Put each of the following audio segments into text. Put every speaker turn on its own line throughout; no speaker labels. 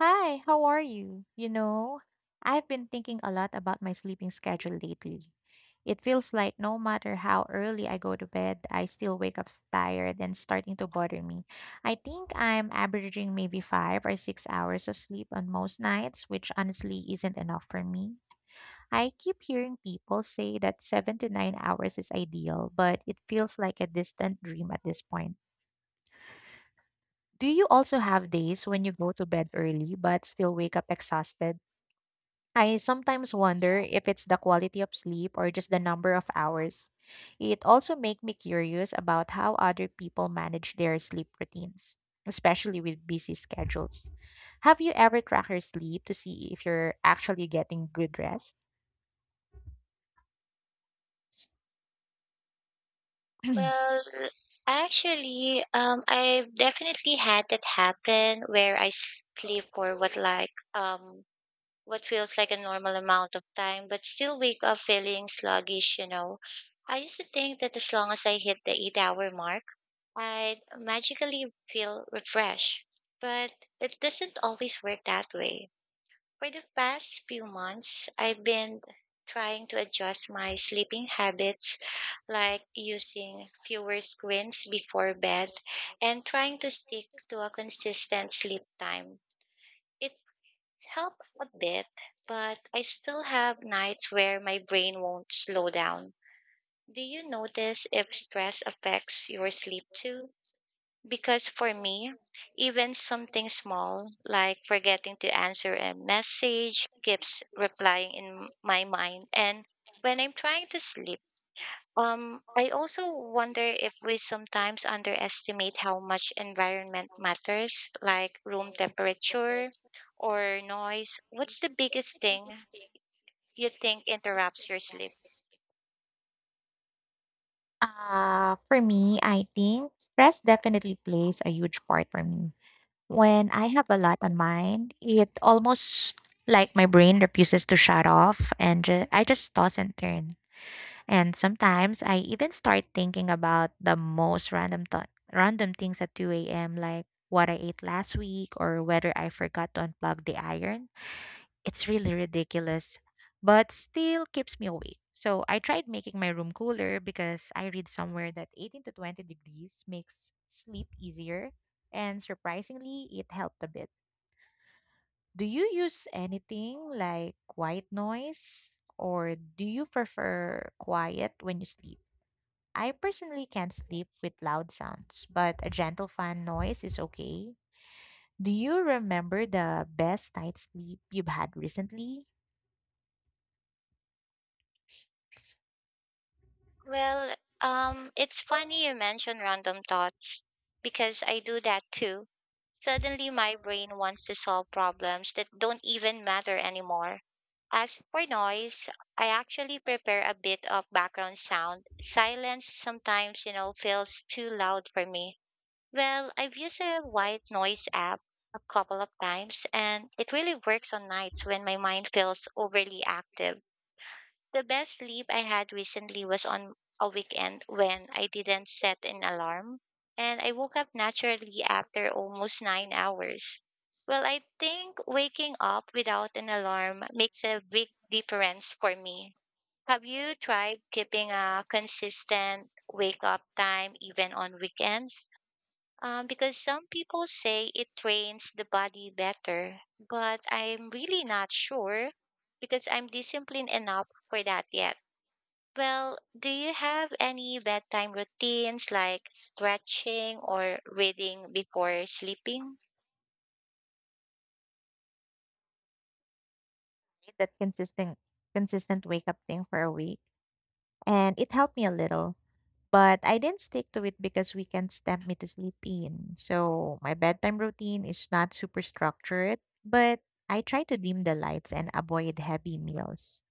Hi, how are you? You know, I've been thinking a lot about my sleeping schedule lately. It feels like no matter how early I go to bed, I still wake up tired and starting to bother me. I think I'm averaging maybe 5 or 6 hours of sleep on most nights, which honestly isn't enough for me. I keep hearing people say that 7 to 9 hours is ideal, but it feels like a distant dream at this point. Do you also have days when you go to bed early but still wake up exhausted? I sometimes wonder if it's the quality of sleep or just the number of hours. It also makes me curious about how other people manage their sleep routines, especially with busy schedules. Have you ever tracked your sleep to see if you're actually getting good rest?
Well, actually, I've definitely had that happen where I sleep for what feels like a normal amount of time, but still wake up feeling sluggish. You know, I used to think that as long as I hit the eight-hour mark, I'd magically feel refreshed, but it doesn't always work that way. For the past few months, I've been trying to adjust my sleeping habits, like using fewer screens before bed and trying to stick to a consistent sleep time. It helped a bit, but I still have nights where my brain won't slow down. Do you notice if stress affects your sleep too? Because for me, even something small, like forgetting to answer a message, keeps replying in my mind. And when I'm trying to sleep, I also wonder if we sometimes underestimate how much environment matters, like room temperature or noise. What's the biggest thing you think interrupts your sleep?
For me, I think stress definitely plays a huge part for me. When I have a lot on mind, it almost like my brain refuses to shut off and I just toss and turn. And sometimes I even start thinking about the most random random things at 2 a.m. like what I ate last week or whether I forgot to unplug the iron. It's really ridiculous, but still keeps me awake. So I tried making my room cooler because I read somewhere that 18 to 20 degrees makes sleep easier, and surprisingly it helped a bit. Do you use anything like white noise, or do you prefer quiet when you sleep? I personally can't sleep with loud sounds, but a gentle fan noise is okay. Do you remember the best night's sleep you've had recently?
Well, it's funny you mentioned random thoughts because I do that too. Suddenly, my brain wants to solve problems that don't even matter anymore. As for noise, I actually prepare a bit of background sound. Silence sometimes, you know, feels too loud for me. Well, I've used a white noise app a couple of times, and it really works on nights when my mind feels overly active. The best sleep I had recently was on a weekend when I didn't set an alarm and I woke up naturally after almost 9 hours. Well, I think waking up without an alarm makes a big difference for me. Have you tried keeping a consistent wake up time even on weekends? Because some people say it trains the body better, but I'm really not sure because I'm disciplined enough for that yet. Well, do you have any bedtime routines like stretching or reading before sleeping?
That consistent wake up thing for a week. And it helped me a little. But I didn't stick to it because weekends tempt me to sleep in. So my bedtime routine is not super structured, but I try to dim the lights and avoid heavy meals.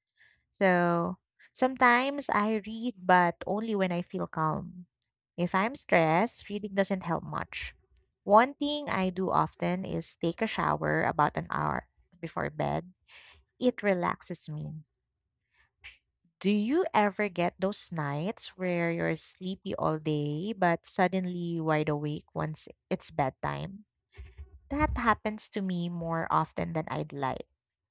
So sometimes I read, but only when I feel calm. If I'm stressed, reading doesn't help much. One thing I do often is take a shower about an hour before bed. It relaxes me. Do you ever get those nights where you're sleepy all day but suddenly wide awake once it's bedtime? That happens to me more often than I'd like.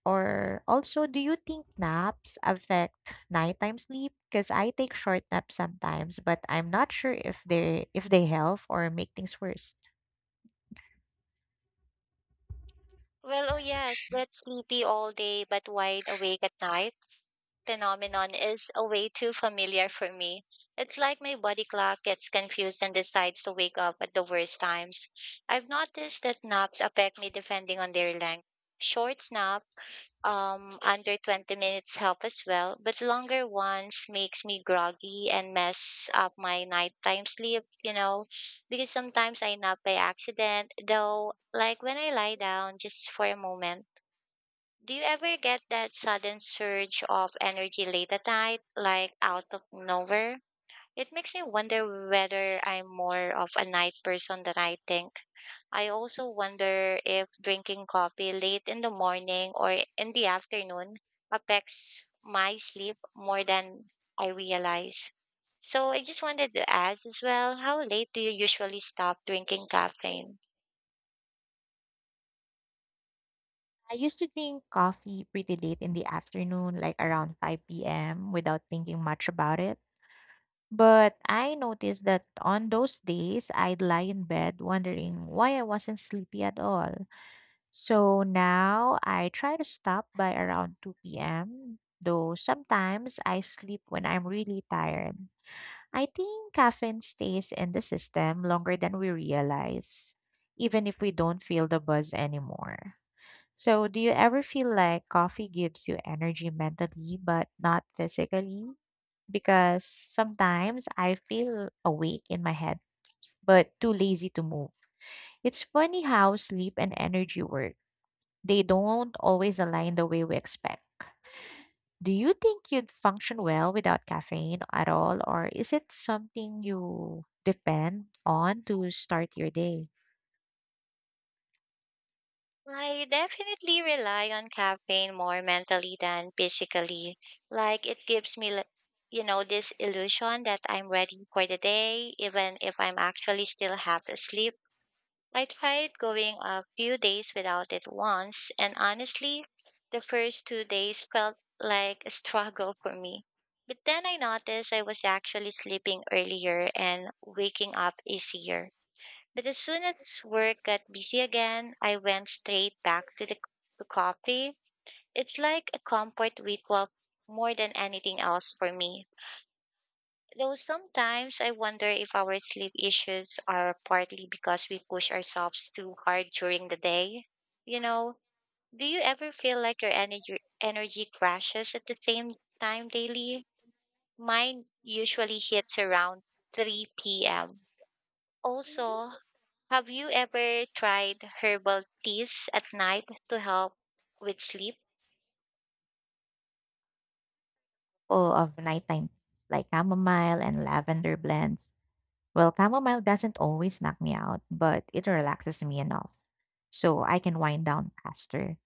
Or also, do you think naps affect nighttime sleep? Because I take short naps sometimes, but I'm not sure if they help or make things worse.
Well, oh yes, that sleepy all day but wide awake at night phenomenon is a way too familiar for me. It's like my body clock gets confused and decides to wake up at the worst times. I've noticed that naps affect me depending on their length. Short naps under 20 minutes help as well, but longer ones makes me groggy and mess up my nighttime sleep, you know, because sometimes I nap by accident though, like when I lie down just for a moment. Do you ever get that sudden surge of energy late at night, like out of nowhere? It makes me wonder whether I'm more of a night person than I think. I also wonder if drinking coffee late in the morning or in the afternoon affects my sleep more than I realize. So I just wanted to ask as well, how late do you usually stop drinking caffeine?
I used to drink coffee pretty late in the afternoon, like around 5 p.m., without thinking much about it. But I noticed that on those days, I'd lie in bed wondering why I wasn't sleepy at all. So now I try to stop by around 2 p.m., though sometimes I sleep when I'm really tired. I think caffeine stays in the system longer than we realize, even if we don't feel the buzz anymore. So, do you ever feel like coffee gives you energy mentally but not physically? Because sometimes I feel awake in my head but too lazy to move. It's funny how sleep and energy work. They don't always align the way we expect. Do you think you'd function well without caffeine at all, or is it something you depend on to start your day?
I definitely rely on caffeine more mentally than physically. Like it gives me you know, this illusion that I'm ready for the day even if I'm actually still half asleep. I tried going a few days without it once, and honestly, the first 2 days felt like a struggle for me. But then I noticed I was actually sleeping earlier and waking up easier. But as soon as work got busy again, I went straight back to to coffee. It's like a comfort ritual more than anything else for me. Though sometimes I wonder if our sleep issues are partly because we push ourselves too hard during the day. You know, do you ever feel like your energy crashes at the same time daily? Mine usually hits around 3 p.m. Also, have you ever tried herbal teas at night to help with sleep?
Full of nighttime teas like chamomile and lavender blends. Well, chamomile doesn't always knock me out, but it relaxes me enough so I can wind down faster.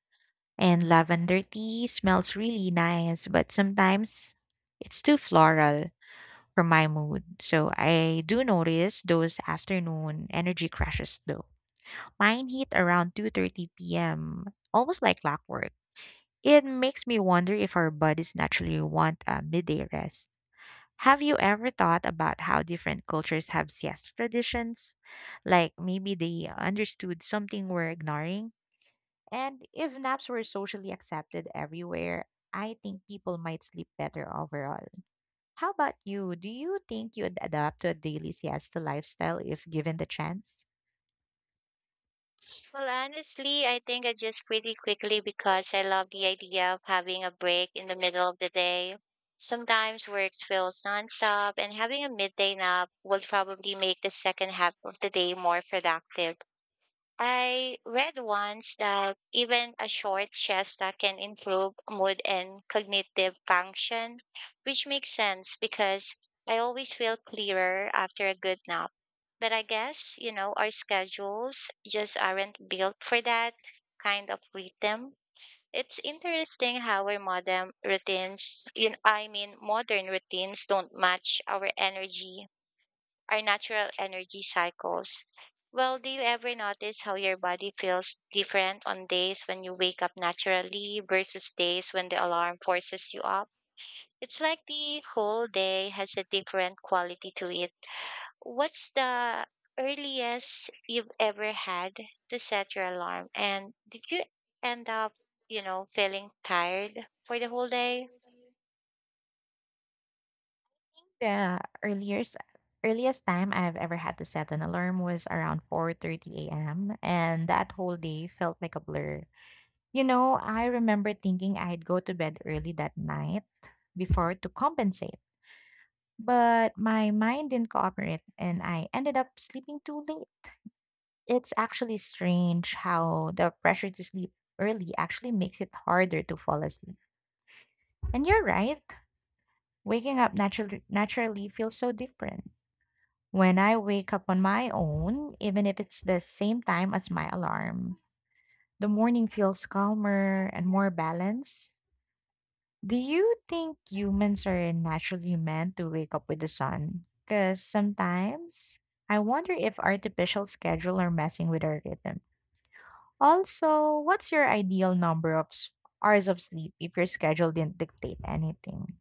And lavender tea smells really nice, but sometimes it's too floral. From my mood. So I do notice those afternoon energy crashes though. Mine hit around 2:30 p.m., almost like clockwork. It makes me wonder if our bodies naturally want a midday rest. Have you ever thought about how different cultures have siesta traditions? Like maybe they understood something we're ignoring? And if naps were socially accepted everywhere, I think people might sleep better overall. How about you? Do you think you'd adapt to a daily siesta lifestyle if given the chance?
Well, honestly, I think I just pretty quickly because I love the idea of having a break in the middle of the day. Sometimes work feels nonstop, and having a midday nap will probably make the second half of the day more productive. I read once that even a short siesta can improve mood and cognitive function, which makes sense because I always feel clearer after a good nap. But I guess, you know, our schedules just aren't built for that kind of rhythm. It's interesting how our modern routines, you know, I mean, modern routines don't match our natural energy cycles. Well, do you ever notice how your body feels different on days when you wake up naturally versus days when the alarm forces you up? It's like the whole day has a different quality to it. What's the earliest you've ever had to set your alarm? And did you end up, you know, feeling tired for the whole day?
The earliest time I've ever had to set an alarm was around 4:30 a.m., and that whole day felt like a blur. You know, I remember thinking I'd go to bed early that night before to compensate, but my mind didn't cooperate and I ended up sleeping too late. It's actually strange how the pressure to sleep early actually makes it harder to fall asleep. And you're right, waking up naturally feels so different. When I wake up on my own, even if it's the same time as my alarm, the morning feels calmer and more balanced. Do you think humans are naturally meant to wake up with the sun? Because sometimes I wonder if artificial schedule are messing with our rhythm. Also, what's your ideal number of hours of sleep if your schedule didn't dictate anything?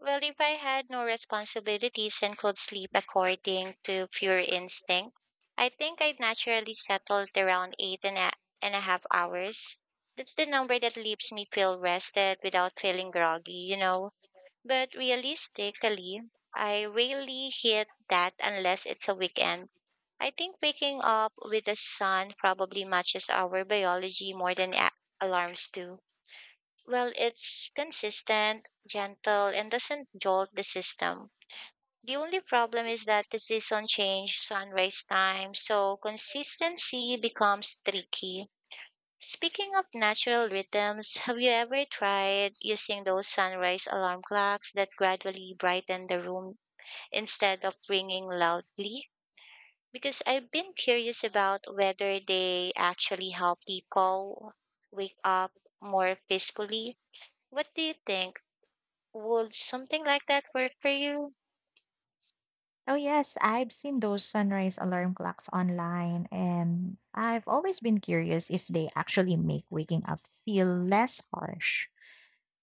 Well, if I had no responsibilities and could sleep according to pure instinct, I think I'd naturally settle at around and a half hours. That's the number that leaves me feel rested without feeling groggy, you know. But realistically, I rarely hit that unless it's a weekend. I think waking up with the sun probably matches our biology more than alarms do. Well, it's consistent, gentle, and doesn't jolt the system. The only problem is that the season change sunrise time, so consistency becomes tricky. Speaking of natural rhythms, have you ever tried using those sunrise alarm clocks that gradually brighten the room instead of ringing loudly? Because I've been curious about whether they actually help people wake up more peacefully. What do you think? Would something like that work for you?
Oh, yes, I've seen those sunrise alarm clocks online, and I've always been curious if they actually make waking up feel less harsh.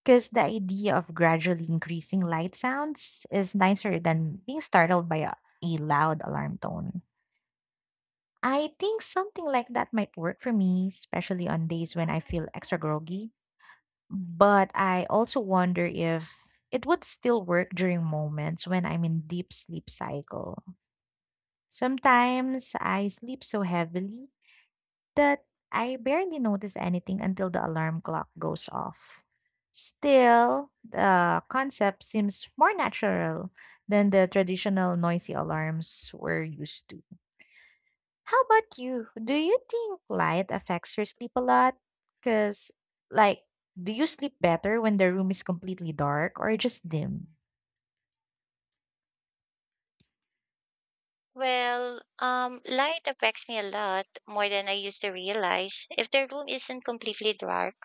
Because the idea of gradually increasing light sounds is nicer than being startled by a loud alarm tone. I think something like that might work for me, especially on days when I feel extra groggy. But I also wonder if it would still work during moments when I'm in deep sleep cycle. Sometimes I sleep so heavily that I barely notice anything until the alarm clock goes off. Still, the concept seems more natural than the traditional noisy alarms we're used to. How about you? Do you think light affects your sleep a lot? Because, like, do you sleep better when the room is completely dark or just dim?
Well, light affects me a lot more than I used to realize. If the room isn't completely dark,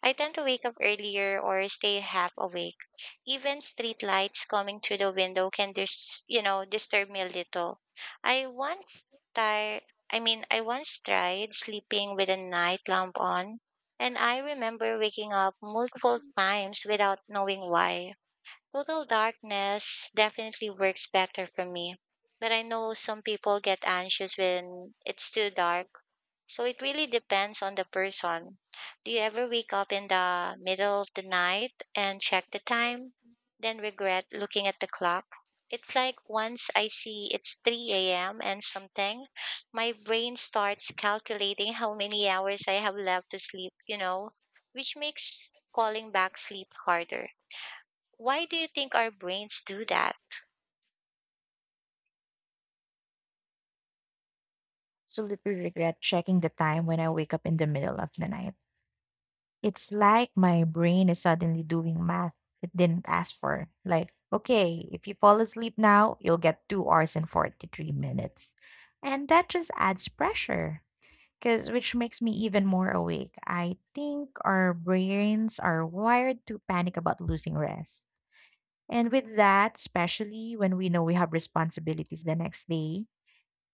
I tend to wake up earlier or stay half awake. Even street lights coming through the window can you know, disturb me a little. I tried, I mean, I once tried sleeping with a night lamp on, and I remember waking up multiple times without knowing why. Total darkness definitely works better for me, but I know some people get anxious when it's too dark. So it really depends on the person. Do you ever wake up in the middle of the night and check the time, then regret looking at the clock? It's like once I see it's 3 a.m. and something, my brain starts calculating how many hours I have left to sleep, you know, which makes falling back sleep harder. Why do you think our brains do that?
Absolutely regret checking the time when I wake up in the middle of the night. It's like my brain is suddenly doing math it didn't ask for. Like, okay, if you fall asleep now, you'll get 2 hours and 43 minutes. And that just adds pressure. Cause which makes me even more awake. I think our brains are wired to panic about losing rest. And with that, especially when we know we have responsibilities the next day,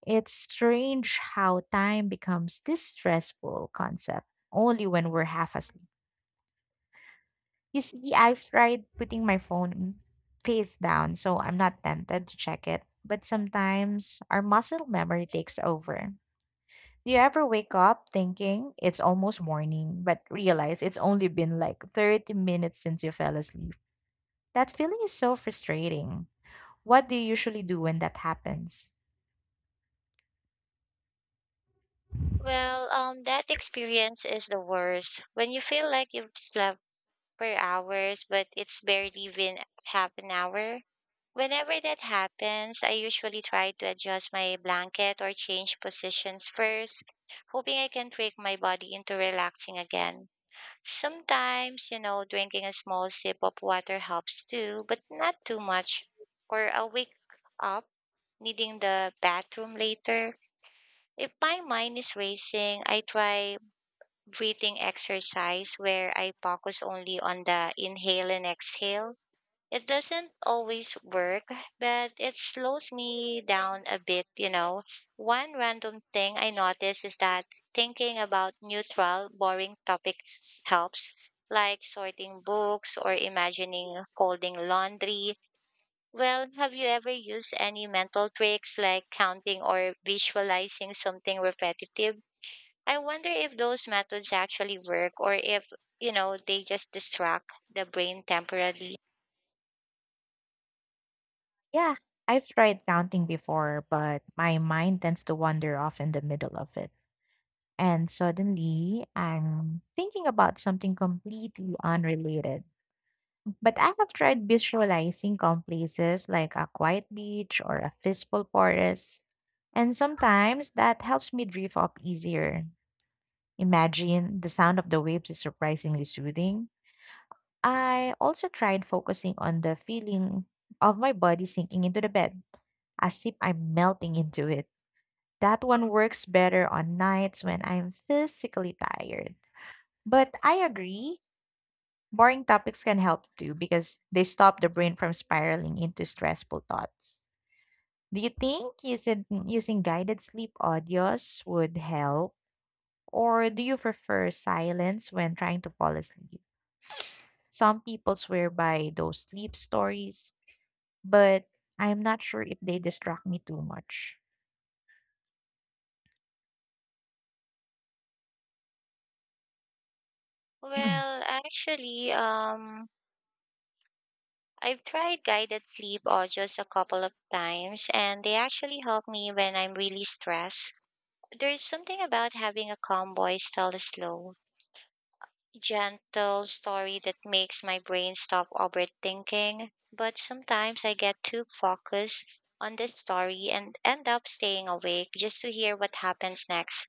it's strange how time becomes this stressful concept only when we're half asleep. You see, I've tried putting my phone face down, so I'm not tempted to check it. But sometimes our muscle memory takes over. Do you ever wake up thinking it's almost morning, but realize it's only been like 30 minutes since you fell asleep? That feeling is so frustrating. What do you usually do when that happens?
Well, that experience is the worst. When you feel like you've slept for hours, but it's barely been half an hour. Whenever that happens, I usually try to adjust my blanket or change positions first, hoping I can trick my body into relaxing again. Sometimes, you know, drinking a small sip of water helps too, but not too much. Or I'll wake up needing the bathroom later. If my mind is racing, I try breathing exercise where I focus only on the inhale and exhale. It doesn't always work, but it slows me down a bit, you know. One random thing I notice is that thinking about neutral, boring topics helps, like sorting books or imagining folding laundry. Well, have you ever used any mental tricks like counting or visualizing something repetitive? I wonder if those methods actually work or if, you know, they just distract the brain temporarily.
Yeah, I've tried counting before, but my mind tends to wander off in the middle of it. And suddenly, I'm thinking about something completely unrelated. But I have tried visualizing calm places like a quiet beach or a peaceful forest, and sometimes that helps me drift off easier. Imagine the sound of the waves is surprisingly soothing. I also tried focusing on the feeling of my body sinking into the bed, as if I'm melting into it. That one works better on nights when I'm physically tired. But I agree, boring topics can help too because they stop the brain from spiraling into stressful thoughts. Do you think using guided sleep audios would help? Or do you prefer silence when trying to fall asleep? Some people swear by those sleep stories, but I'm not sure if they distract me too much.
Well, actually, um, I've tried guided sleep audios a couple of times and they actually help me when I'm really stressed. There's something about having a calm voice tell a slow, gentle story that makes my brain stop overthinking. But sometimes I get too focused on the story and end up staying awake just to hear what happens next,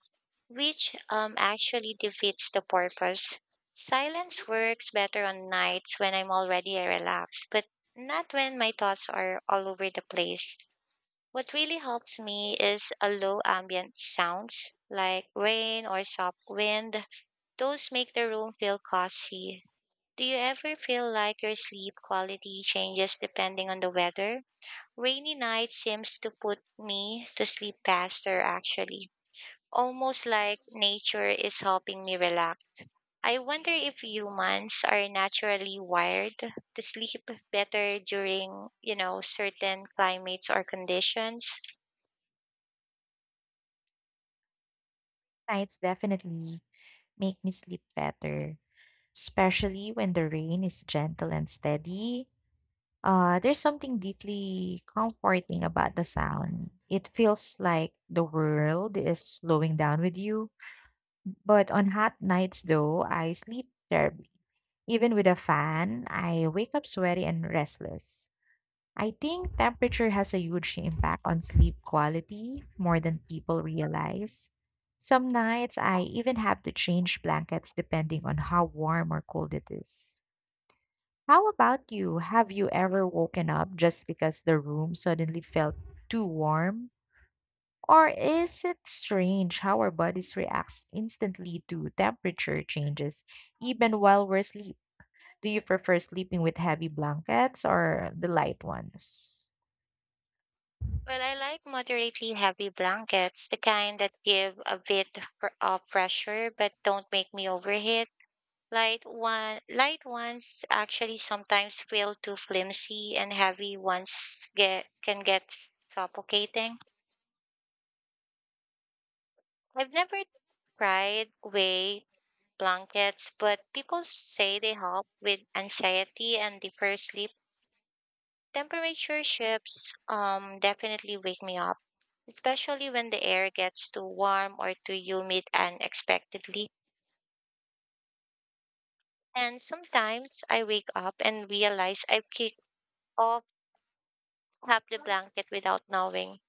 which actually defeats the purpose. Silence works better on nights when I'm already relaxed, but not when my thoughts are all over the place. What really helps me is a low ambient sounds like rain or soft wind. Those make the room feel cozy. Do you ever feel like your sleep quality changes depending on the weather? Rainy nights seems to put me to sleep faster actually, almost like nature is helping me relax. I wonder if humans are naturally wired to sleep better during, you know, certain climates or conditions.
Nights definitely make me sleep better, especially when the rain is gentle and steady. There's something deeply comforting about the sound. It feels like the world is slowing down with you. But on hot nights, though, I sleep terribly. Even with a fan, I wake up sweaty and restless. I think temperature has a huge impact on sleep quality more than people realize. Some nights, I even have to change blankets depending on how warm or cold it is. How about you? Have you ever woken up just because the room suddenly felt too warm? Or is it strange how our bodies react instantly to temperature changes, even while we're asleep? Do you prefer sleeping with heavy blankets or the light ones
Well, I like moderately heavy blankets, the kind that give a bit of pressure but don't make me overheat. Light ones actually sometimes feel too flimsy, and heavy ones get can get suffocating. I've never tried way blankets, but people say they help with anxiety and defer sleep. Temperature shifts definitely wake me up, especially when the air gets too warm or too humid unexpectedly. And sometimes I wake up and realize I've kicked off half the blanket without knowing.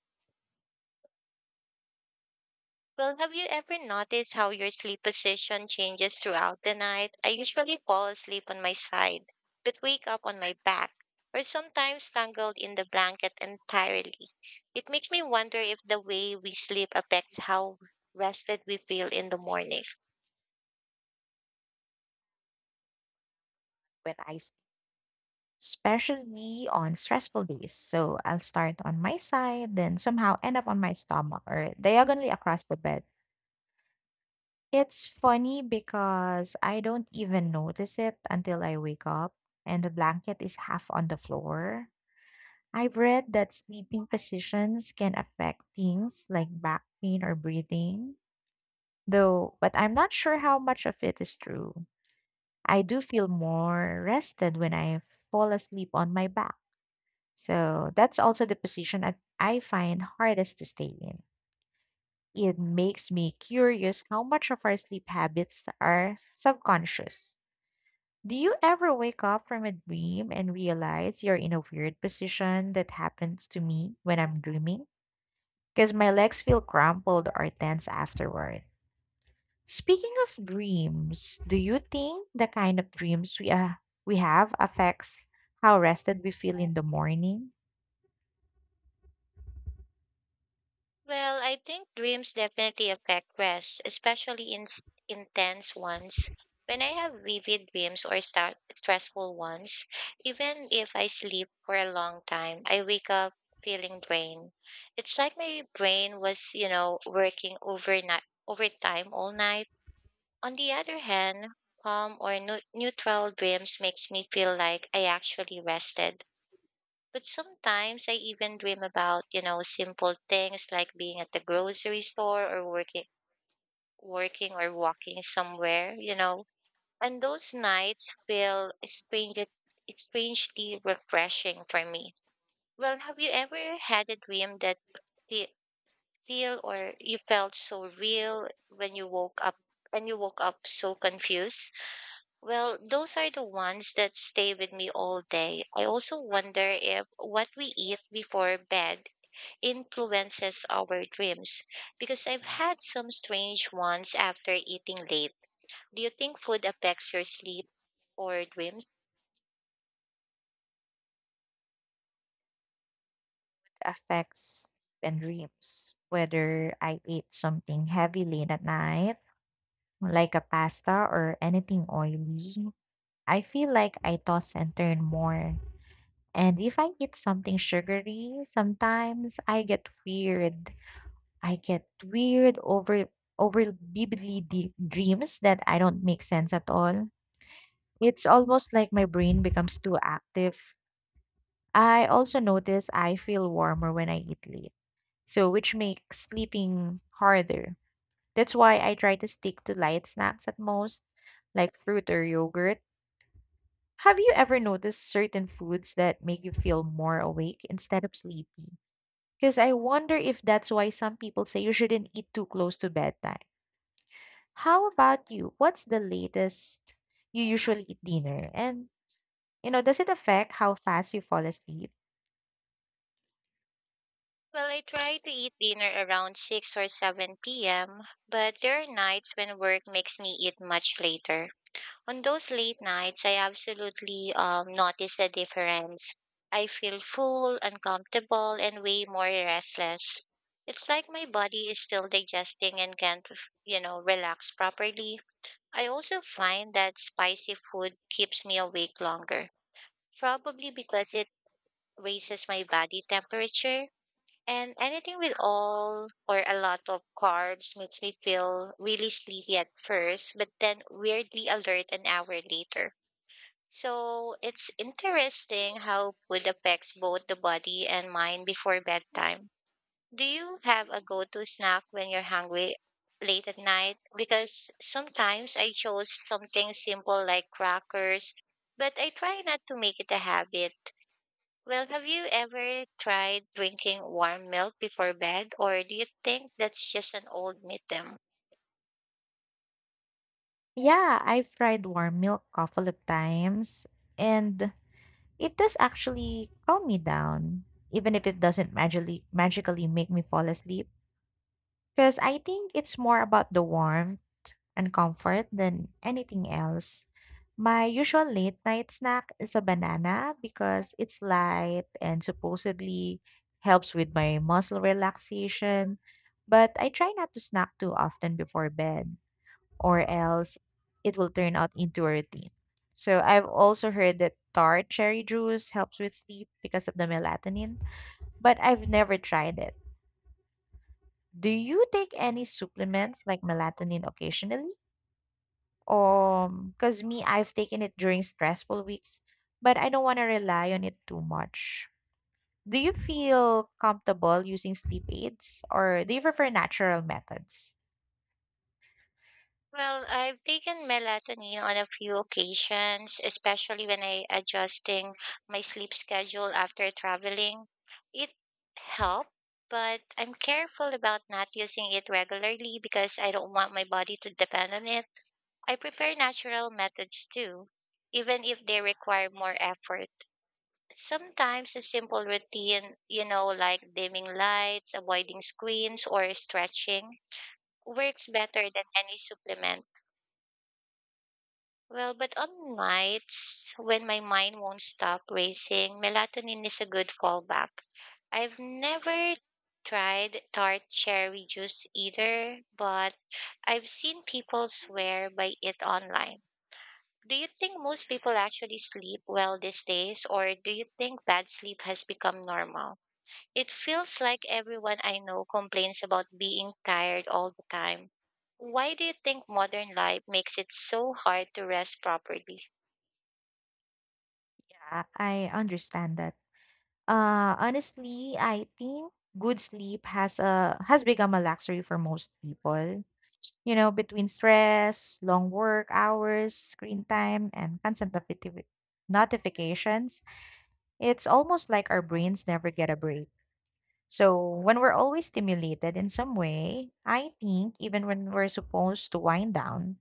Well, have you ever noticed how your sleep position changes throughout the night? I usually fall asleep on my side, but wake up on my back, or sometimes tangled in the blanket entirely. It makes me wonder if the way we sleep affects how rested we feel in the morning.
when I sleep? Especially on stressful days. So I'll start on my side, then somehow end up on my stomach or diagonally across the bed. It's funny because I don't even notice it until I wake up and the blanket is half on the floor. I've read that sleeping positions can affect things like back pain or breathing, though, but I'm not sure how much of it is true. I do feel more rested when I fall asleep on my back. So that's also the position that I find hardest to stay in. It makes me curious how much of our sleep habits are subconscious. Do you ever wake up from a dream and realize you're in a weird position that happens to me when I'm dreaming? Because my legs feel crumpled or tense afterward. Speaking of dreams, do you think the kind of dreams we have affects how rested we feel in the morning?
Well, I think dreams definitely affect rest, especially in intense ones. When I have vivid dreams or start stressful ones, even if I sleep for a long time, I wake up feeling drained. It's like my brain was, working overnight, overtime all night. On the other hand, calm or neutral dreams makes me feel like I actually rested, but sometimes I even dream about, simple things like being at the grocery store or working or walking somewhere. And those nights feel strangely refreshing for me. Well, have you ever had a dream that fe- feel, or you felt so real when you woke up and you woke up so confused? Well, those are the ones that stay with me all day. I also wonder if what we eat before bed influences our dreams, because I've had some strange ones after eating late. Do you think food affects your sleep or dreams?
Affects and dreams, whether I ate something heavy late at night, like a pasta or anything oily. I feel like I toss and turn more. And if I eat something sugary, sometimes I get weird. I get weird over vividly deep dreams that I don't make sense at all. It's almost like my brain becomes too active. I also notice I feel warmer when I eat late, so which makes sleeping harder. That's why I try to stick to light snacks at most, like fruit or yogurt. Have you ever noticed certain foods that make you feel more awake instead of sleepy? Because I wonder if that's why some people say you shouldn't eat too close to bedtime. How about you? What's the latest you usually eat dinner? And, you know, does it affect how fast you fall asleep?
Well, I try to eat dinner around 6 or 7 p.m., but there are nights when work makes me eat much later. On those late nights, I absolutely notice the difference. I feel full, uncomfortable, and way more restless. It's like my body is still digesting and can't, relax properly. I also find that spicy food keeps me awake longer, probably because it raises my body temperature. And anything with all or a lot of carbs makes me feel really sleepy at first, but then weirdly alert an hour later. So it's interesting how food affects both the body and mind before bedtime. Do you have a go to snack when you're hungry late at night? Because sometimes I chose something simple like crackers, but I try not to make it a habit. Well, have you ever tried drinking warm milk before bed, or do you think that's just an old myth?
Yeah, I've tried warm milk a couple of times, and it does actually calm me down, even if it doesn't magically make me fall asleep. Because I think it's more about the warmth and comfort than anything else. My usual late night snack is a banana because it's light and supposedly helps with my muscle relaxation. But I try not to snack too often before bed, or else it will turn out into a routine. So I've also heard that tart cherry juice helps with sleep because of the melatonin, but I've never tried it. Do you take any supplements like melatonin occasionally? Cause me, I've taken it during stressful weeks, but I don't want to rely on it too much. Do you feel comfortable using sleep aids or do you prefer natural methods?
Well, I've taken melatonin on a few occasions, especially when I adjusting my sleep schedule after traveling. It helped, but I'm careful about not using it regularly because I don't want my body to depend on it. I prefer natural methods too, even if they require more effort. Sometimes a simple routine, like dimming lights, avoiding screens, or stretching works better than any supplement. Well, but on nights when my mind won't stop racing, melatonin is a good fallback. I've never tried tart cherry juice either, but I've seen people swear by it online. Do you think most people actually sleep well these days, or do you think bad sleep has become normal? It feels like everyone I know complains about being tired all the time. Why do you think modern life makes it so hard to rest properly?
Yeah, I understand that. Honestly, I think good sleep has become a luxury for most people. You know, between stress, long work hours, screen time, and constant notifications, it's almost like our brains never get a break. So, when we're always stimulated in some way, I think even when we're supposed to wind down,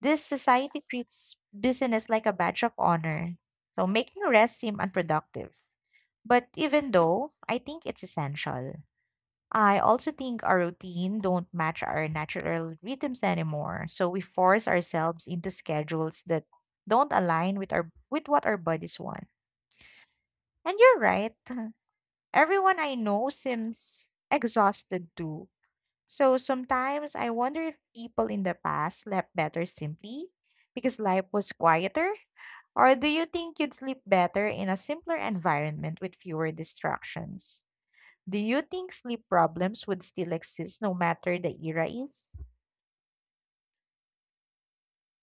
this society treats business like a badge of honor. So, making rest seem unproductive. But even though I think it's essential, I also think our routine don't match our natural rhythms anymore. So we force ourselves into schedules that don't align with our with what our bodies want. And you're right. Everyone I know seems exhausted too, so sometimes I wonder if people in the past slept better simply because life was quieter? Or do you think you'd sleep better in a simpler environment with fewer distractions? Do you think sleep problems would still exist no matter the era is?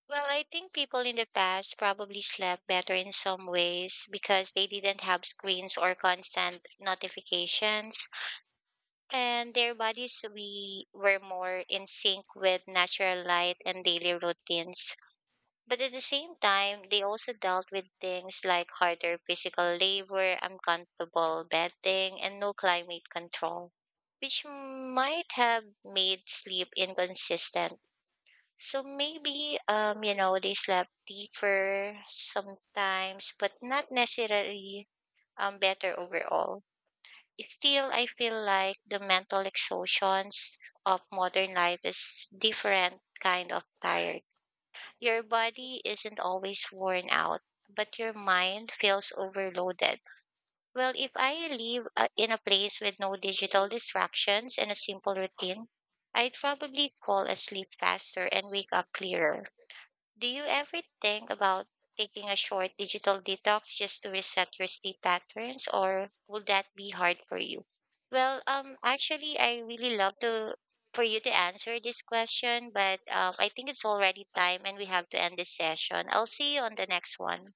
Well, I think people in the past probably slept better in some ways because they didn't have screens or constant notifications, and their bodies we were more in sync with natural light and daily routines. But at the same time, they also dealt with things like harder physical labor, uncomfortable bedding, and no climate control, which might have made sleep inconsistent. So maybe they slept deeper sometimes, but not necessarily better overall. Still, I feel like the mental exhaustions of modern life is different kind of tired. Your body isn't always worn out, but your mind feels overloaded. Well, if I live in a place with no digital distractions and a simple routine, I'd probably fall asleep faster and wake up clearer. Do you ever think about taking a short digital detox just to reset your sleep patterns, or would that be hard for you? Well, actually, I really love to for you to answer this question, but I think it's already time and we have to end this session. I'll see you on the next one.